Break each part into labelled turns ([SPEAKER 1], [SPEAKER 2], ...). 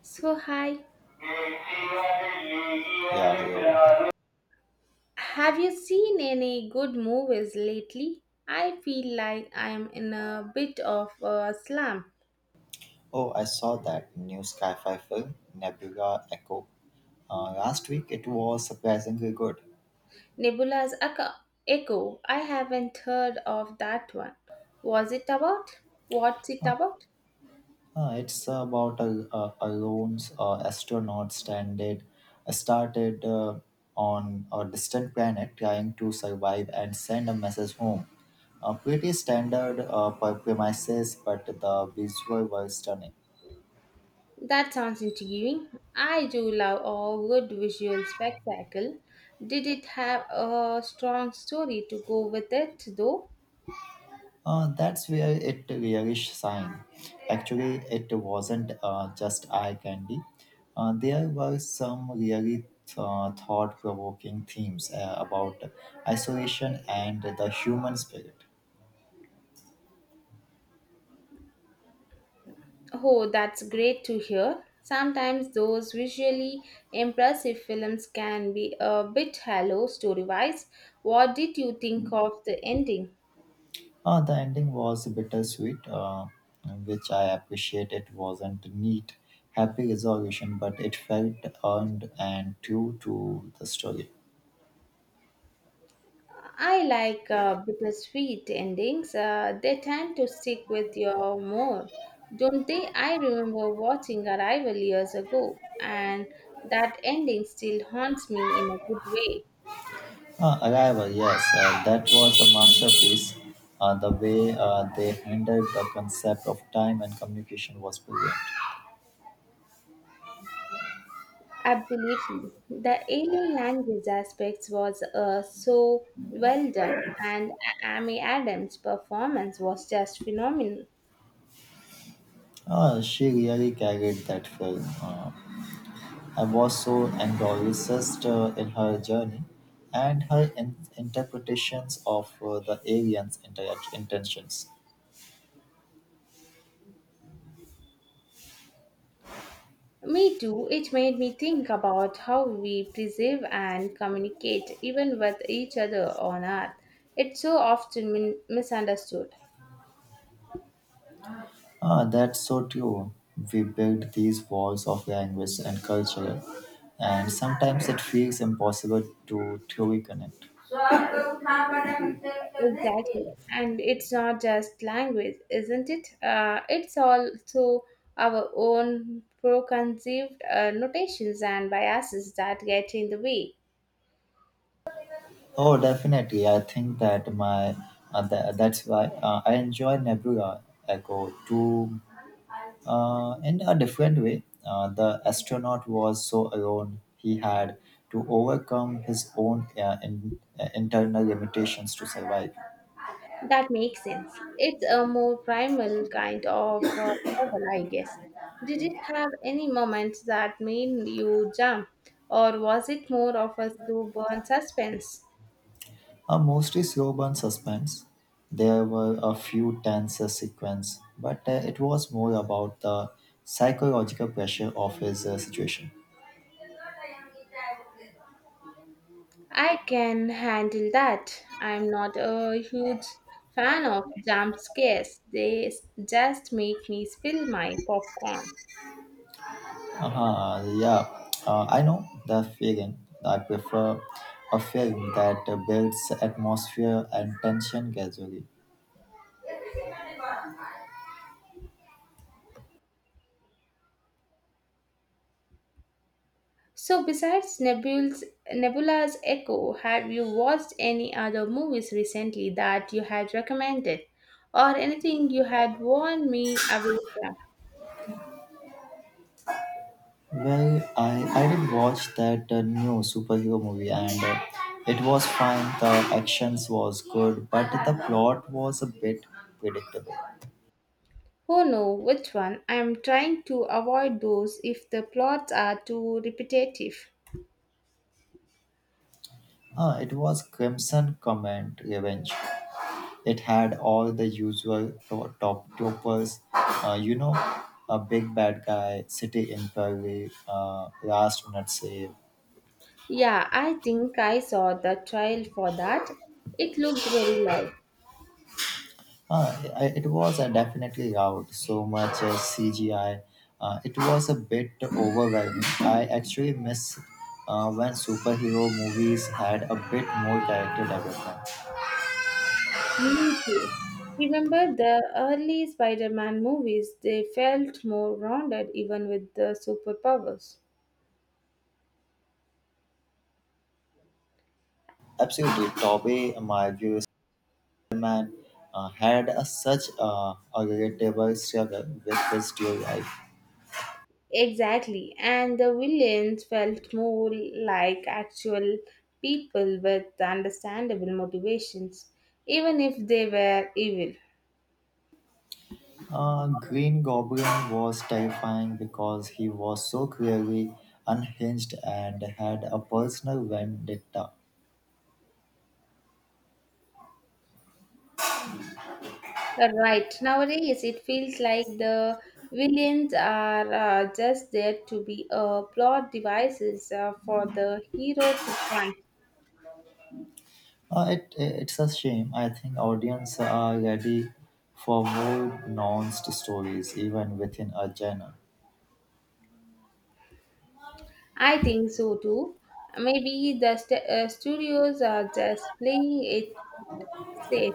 [SPEAKER 1] So, hi.
[SPEAKER 2] Yeah, yeah.
[SPEAKER 1] Have you seen any good movies lately? I feel like I'm in a bit of a slump.
[SPEAKER 2] Oh, I saw that new sci-fi film Nebula Echo last week. It was surprisingly good.
[SPEAKER 1] Nebula's Echo. Echo. I haven't heard of that one. Was it about? What's it about?
[SPEAKER 2] It's about a lone astronaut stranded, started on a distant planet trying to survive and send a message home. Pretty standard premises, but the visual was stunning.
[SPEAKER 1] That sounds intriguing. I do love a good visual spectacle. Did it have a strong story to go with it, though?
[SPEAKER 2] That's where it really shine. Actually, it wasn't just eye candy. There were some really thought-provoking themes about isolation and the human spirit.
[SPEAKER 1] Oh, that's great to hear. Sometimes those visually impressive films can be a bit hollow story-wise. What did you think of the ending?
[SPEAKER 2] The ending was bittersweet, which I appreciate. It wasn't neat, happy resolution, but it felt earned and true to the story.
[SPEAKER 1] I like bittersweet endings. They tend to stick with you more, don't they? I remember watching Arrival years ago, and that ending still haunts me in a good way.
[SPEAKER 2] Arrival, yes, that was a masterpiece. The way they handled the concept of time and communication was brilliant.
[SPEAKER 1] Absolutely. The alien language aspects was so well done, and Amy Adams' performance was just phenomenal.
[SPEAKER 2] She really carried that film. I was so engrossed in her journey and her interpretations of the aliens' intentions.
[SPEAKER 1] Me too, it made me think about how we preserve and communicate even with each other on Earth. It's so often misunderstood.
[SPEAKER 2] Ah, that's so true. We build these walls of language and culture, and sometimes it feels impossible to truly connect.
[SPEAKER 1] Exactly. And it's not just language, isn't it? It's also our own preconceived notations and biases that get in the way.
[SPEAKER 2] Oh, definitely. I think that my tha- that's why I enjoy Nebula Echo too, in a different way. The astronaut was so alone; he had to overcome his own internal limitations to survive.
[SPEAKER 1] That makes sense. It's a more primal kind of struggle, I guess. Did it have any moments that made you jump, or was it more of a slow burn suspense?
[SPEAKER 2] A mostly slow burn suspense. There were a few tense sequences, but it was more about the psychological pressure of his situation.
[SPEAKER 1] I can handle that. I'm not a huge fan of jump scares. Just make me spill my popcorn.
[SPEAKER 2] Uh-huh, yeah, I know the feeling. I prefer a film that builds atmosphere and tension gradually.
[SPEAKER 1] So besides Nebula's Echo, have you watched any other movies recently that you had recommended or anything you had warned me about them?
[SPEAKER 2] Well, I did watch that new superhero movie, and it was fine. The actions was good, but the plot was a bit predictable.
[SPEAKER 1] Oh no, which one? I'm trying to avoid those if the plots are too repetitive.
[SPEAKER 2] It was Crimson Command Revenge. It had all the usual top toppers, you know, a big bad guy, city inquiry, last minute save.
[SPEAKER 1] Yeah, I think I saw the trial for that. It looked very live.
[SPEAKER 2] It was definitely out. So much CGI. It was a bit overwhelming. I actually miss when superhero movies had a bit more character development.
[SPEAKER 1] Me too. Remember the early Spider Man movies? They felt more rounded even with the superpowers.
[SPEAKER 2] Absolutely, Tobey Maguire Spider-Man had such a relatable struggle with his real life.
[SPEAKER 1] Exactly, and the villains felt more like actual people with understandable motivations, even if they were evil.
[SPEAKER 2] Green Goblin was terrifying because he was so clearly unhinged and had a personal vendetta.
[SPEAKER 1] Right. Nowadays, it feels like the villains are just there to be plot devices for the hero to find.
[SPEAKER 2] It's a shame. I think audience are ready for more nuanced stories, even within a genre.
[SPEAKER 1] I think so too. Maybe the studios are just playing it safe.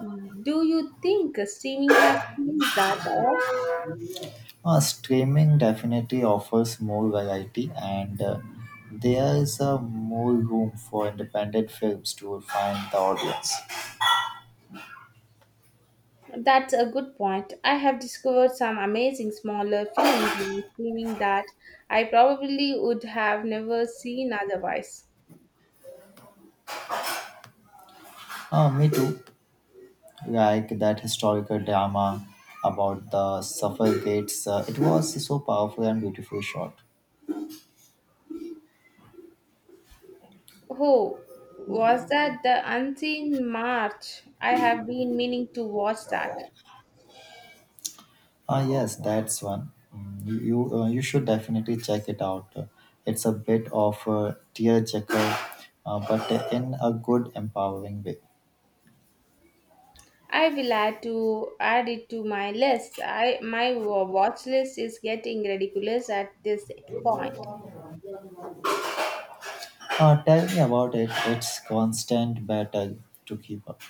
[SPEAKER 1] Do you think streaming has changed that all?
[SPEAKER 2] Streaming definitely offers more variety, and there is more room for independent films to find the audience.
[SPEAKER 1] That's a good point. I have discovered some amazing smaller films on streaming that I probably would have never seen otherwise.
[SPEAKER 2] Me too. Like that historical drama about the suffragettes. It was so powerful and beautiful shot.
[SPEAKER 1] Oh, was that the Unseen March? I have been meaning to watch that.
[SPEAKER 2] Ah, yes, that's one. Mm, you should definitely check it out. It's a bit of a tearjerker, but in a good, empowering way.
[SPEAKER 1] I will add it to my list. I my wa- watch list is getting ridiculous at this point.
[SPEAKER 2] Tell me about it. It's constant battle to keep up.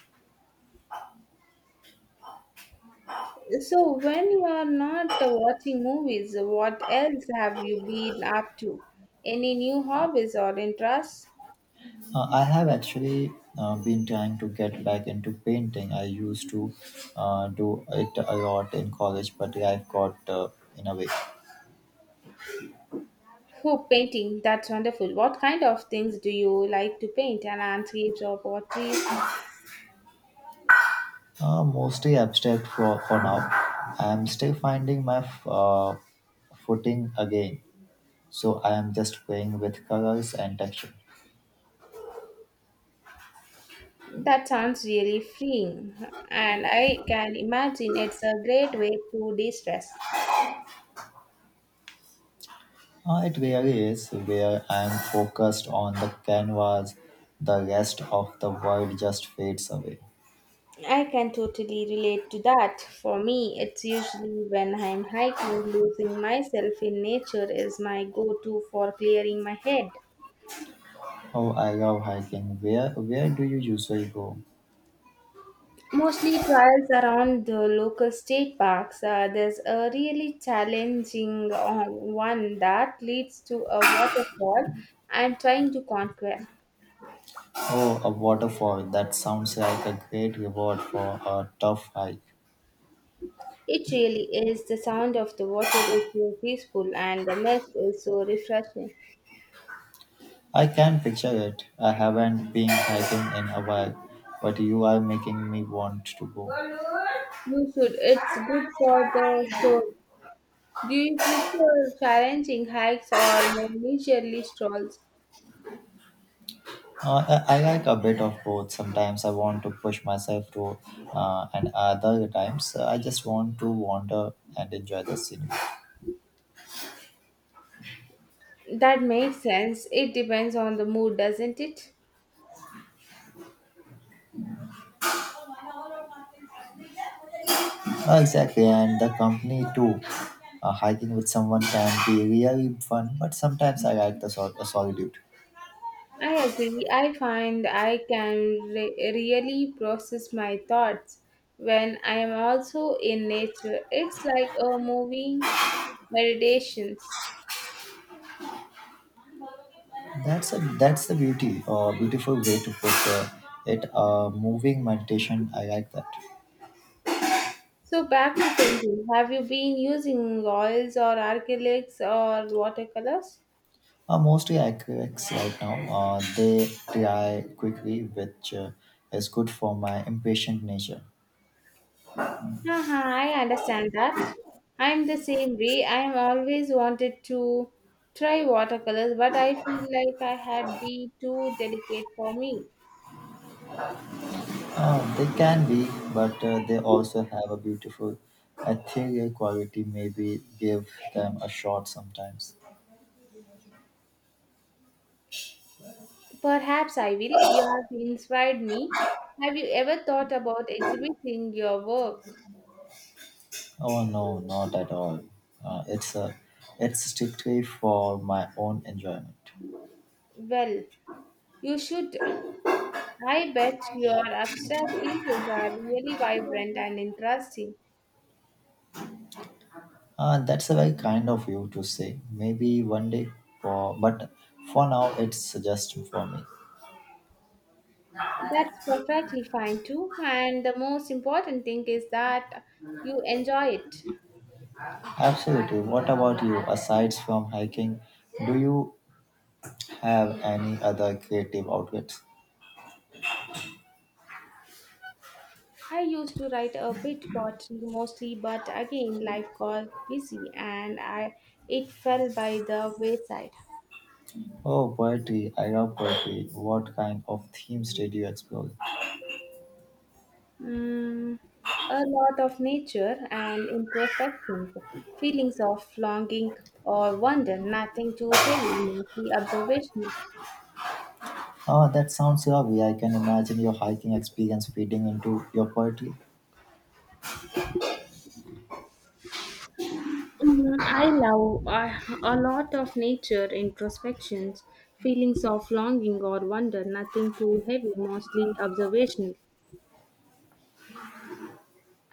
[SPEAKER 1] So when you are not watching movies, what else have you been up to? Any new hobbies or interests?
[SPEAKER 2] I have actually been trying to get back into painting. I used to do it a lot in college, but I've got in a way
[SPEAKER 1] Oh, painting, that's wonderful. What kind of things do you like to paint? And landscapes or pottery?
[SPEAKER 2] mostly abstract for now. I'm still finding my footing again, so I am just playing with colors and texture.
[SPEAKER 1] That sounds really freeing, and I can imagine it's a great way to de stress.
[SPEAKER 2] It really is where I'm focused on the canvas, the rest of the world just fades away.
[SPEAKER 1] I can totally relate to that. For me, it's usually when I'm hiking, losing myself in nature is my go to for clearing my head.
[SPEAKER 2] Oh, I love hiking. Where do you usually go?
[SPEAKER 1] Mostly trials around the local state parks. There's a really challenging one that leads to a waterfall I'm trying to conquer.
[SPEAKER 2] Oh, a waterfall. That sounds like a great reward for a tough hike.
[SPEAKER 1] It really is. The sound of the water is so peaceful and the mist is so refreshing.
[SPEAKER 2] I can picture it. I haven't been hiking in a while, but you are making me want to go.
[SPEAKER 1] You should. It's good for the soul. Do you prefer challenging hikes or more leisurely strolls?
[SPEAKER 2] I like a bit of both. Sometimes I want to push myself and other times I just want to wander and enjoy the scenery.
[SPEAKER 1] That makes sense. It depends on the mood, doesn't it?
[SPEAKER 2] Exactly, and the company too. Hiking with someone can be really fun, but sometimes I like the solitude.
[SPEAKER 1] I agree. I find I can really process my thoughts when I am also in nature. It's like a moving meditations.
[SPEAKER 2] That's the beauty, beautiful way to put it. Moving meditation, I like that.
[SPEAKER 1] So back to painting. Have you been using oils or acrylics or watercolors?
[SPEAKER 2] Mostly acrylics right now. They dry quickly, which is good for my impatient nature.
[SPEAKER 1] Haha, I understand that. I'm the same way. I'm always wanted to try watercolors, but I feel like I had be too delicate for me.
[SPEAKER 2] They can be, but they also have a beautiful ethereal quality. Maybe give them a shot sometimes.
[SPEAKER 1] Perhaps I will. You have inspired me. Have you ever thought about exhibiting your work?
[SPEAKER 2] Oh no, not at all. Uh, it's a, it's strictly for my own enjoyment.
[SPEAKER 1] Well, you should. I bet your abstract pieces are really vibrant and interesting.
[SPEAKER 2] That's a very kind of you to say. Maybe one day, but for now, it's just for me.
[SPEAKER 1] That's perfectly fine too. And the most important thing is that you enjoy it.
[SPEAKER 2] Absolutely. What about you? Aside from hiking, do you have any other creative outlets?
[SPEAKER 1] I used to write a bit poetry mostly, but again, life got busy and I it fell by the wayside.
[SPEAKER 2] Oh, poetry. I love poetry. What kind of themes did you explore?
[SPEAKER 1] Mm, a lot of nature and introspection, feelings of longing or wonder, nothing too heavy, mostly observational.
[SPEAKER 2] Oh, that sounds lovely. I can imagine your hiking experience feeding into your poetry.
[SPEAKER 1] I love a lot of nature introspections, feelings of longing or wonder, nothing too heavy, mostly observational.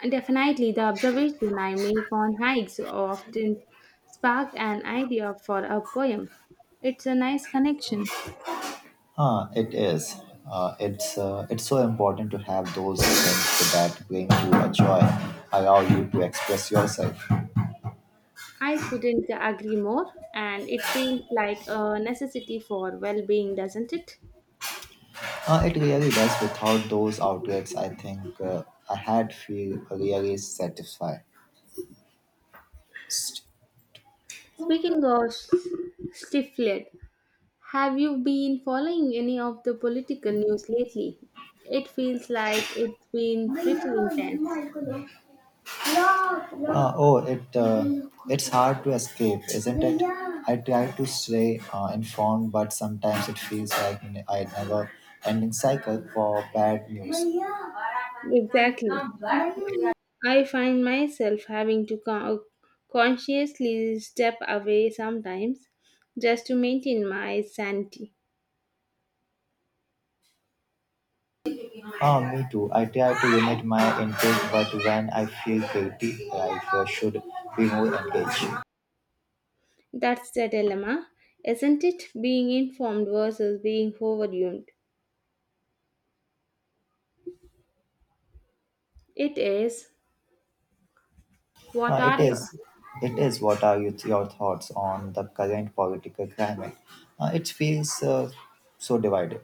[SPEAKER 1] And definitely, the observation I make on hikes often spark an idea for a poem. It's a nice connection.
[SPEAKER 2] Huh, it is. It's so important to have those things that bring you a joy, allow you to express yourself.
[SPEAKER 1] I couldn't agree more, and it feels like a necessity for well being, doesn't it?
[SPEAKER 2] It really does. Without those outlets, I think I had feel really satisfied.
[SPEAKER 1] Speaking of stifled, have you been following any of the political news lately? It feels like it's been pretty intense.
[SPEAKER 2] Uh, oh, it uh, it's hard to escape, isn't it? I try to stay informed, but sometimes it feels like I never ending cycle for bad news.
[SPEAKER 1] Exactly. I find myself having to consciously step away sometimes just to maintain my sanity.
[SPEAKER 2] Ah, me too. I try to limit my intake, but when I feel guilty, I should be more engaged.
[SPEAKER 1] That's the dilemma, isn't it? Being informed versus being overwhelmed. It is. What
[SPEAKER 2] Uh, it
[SPEAKER 1] are your.
[SPEAKER 2] is. It
[SPEAKER 1] Yeah.
[SPEAKER 2] is. What are your thoughts on the current political climate? It feels so divided.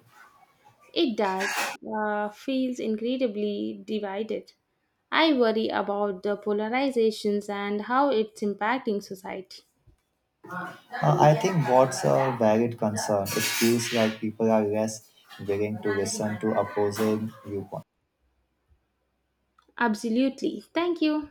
[SPEAKER 1] It does, feels incredibly divided. I worry about the polarizations and how it's impacting society.
[SPEAKER 2] I think what's a valid concern. It feels like people are less willing to listen to opposing viewpoints.
[SPEAKER 1] Absolutely. Thank you.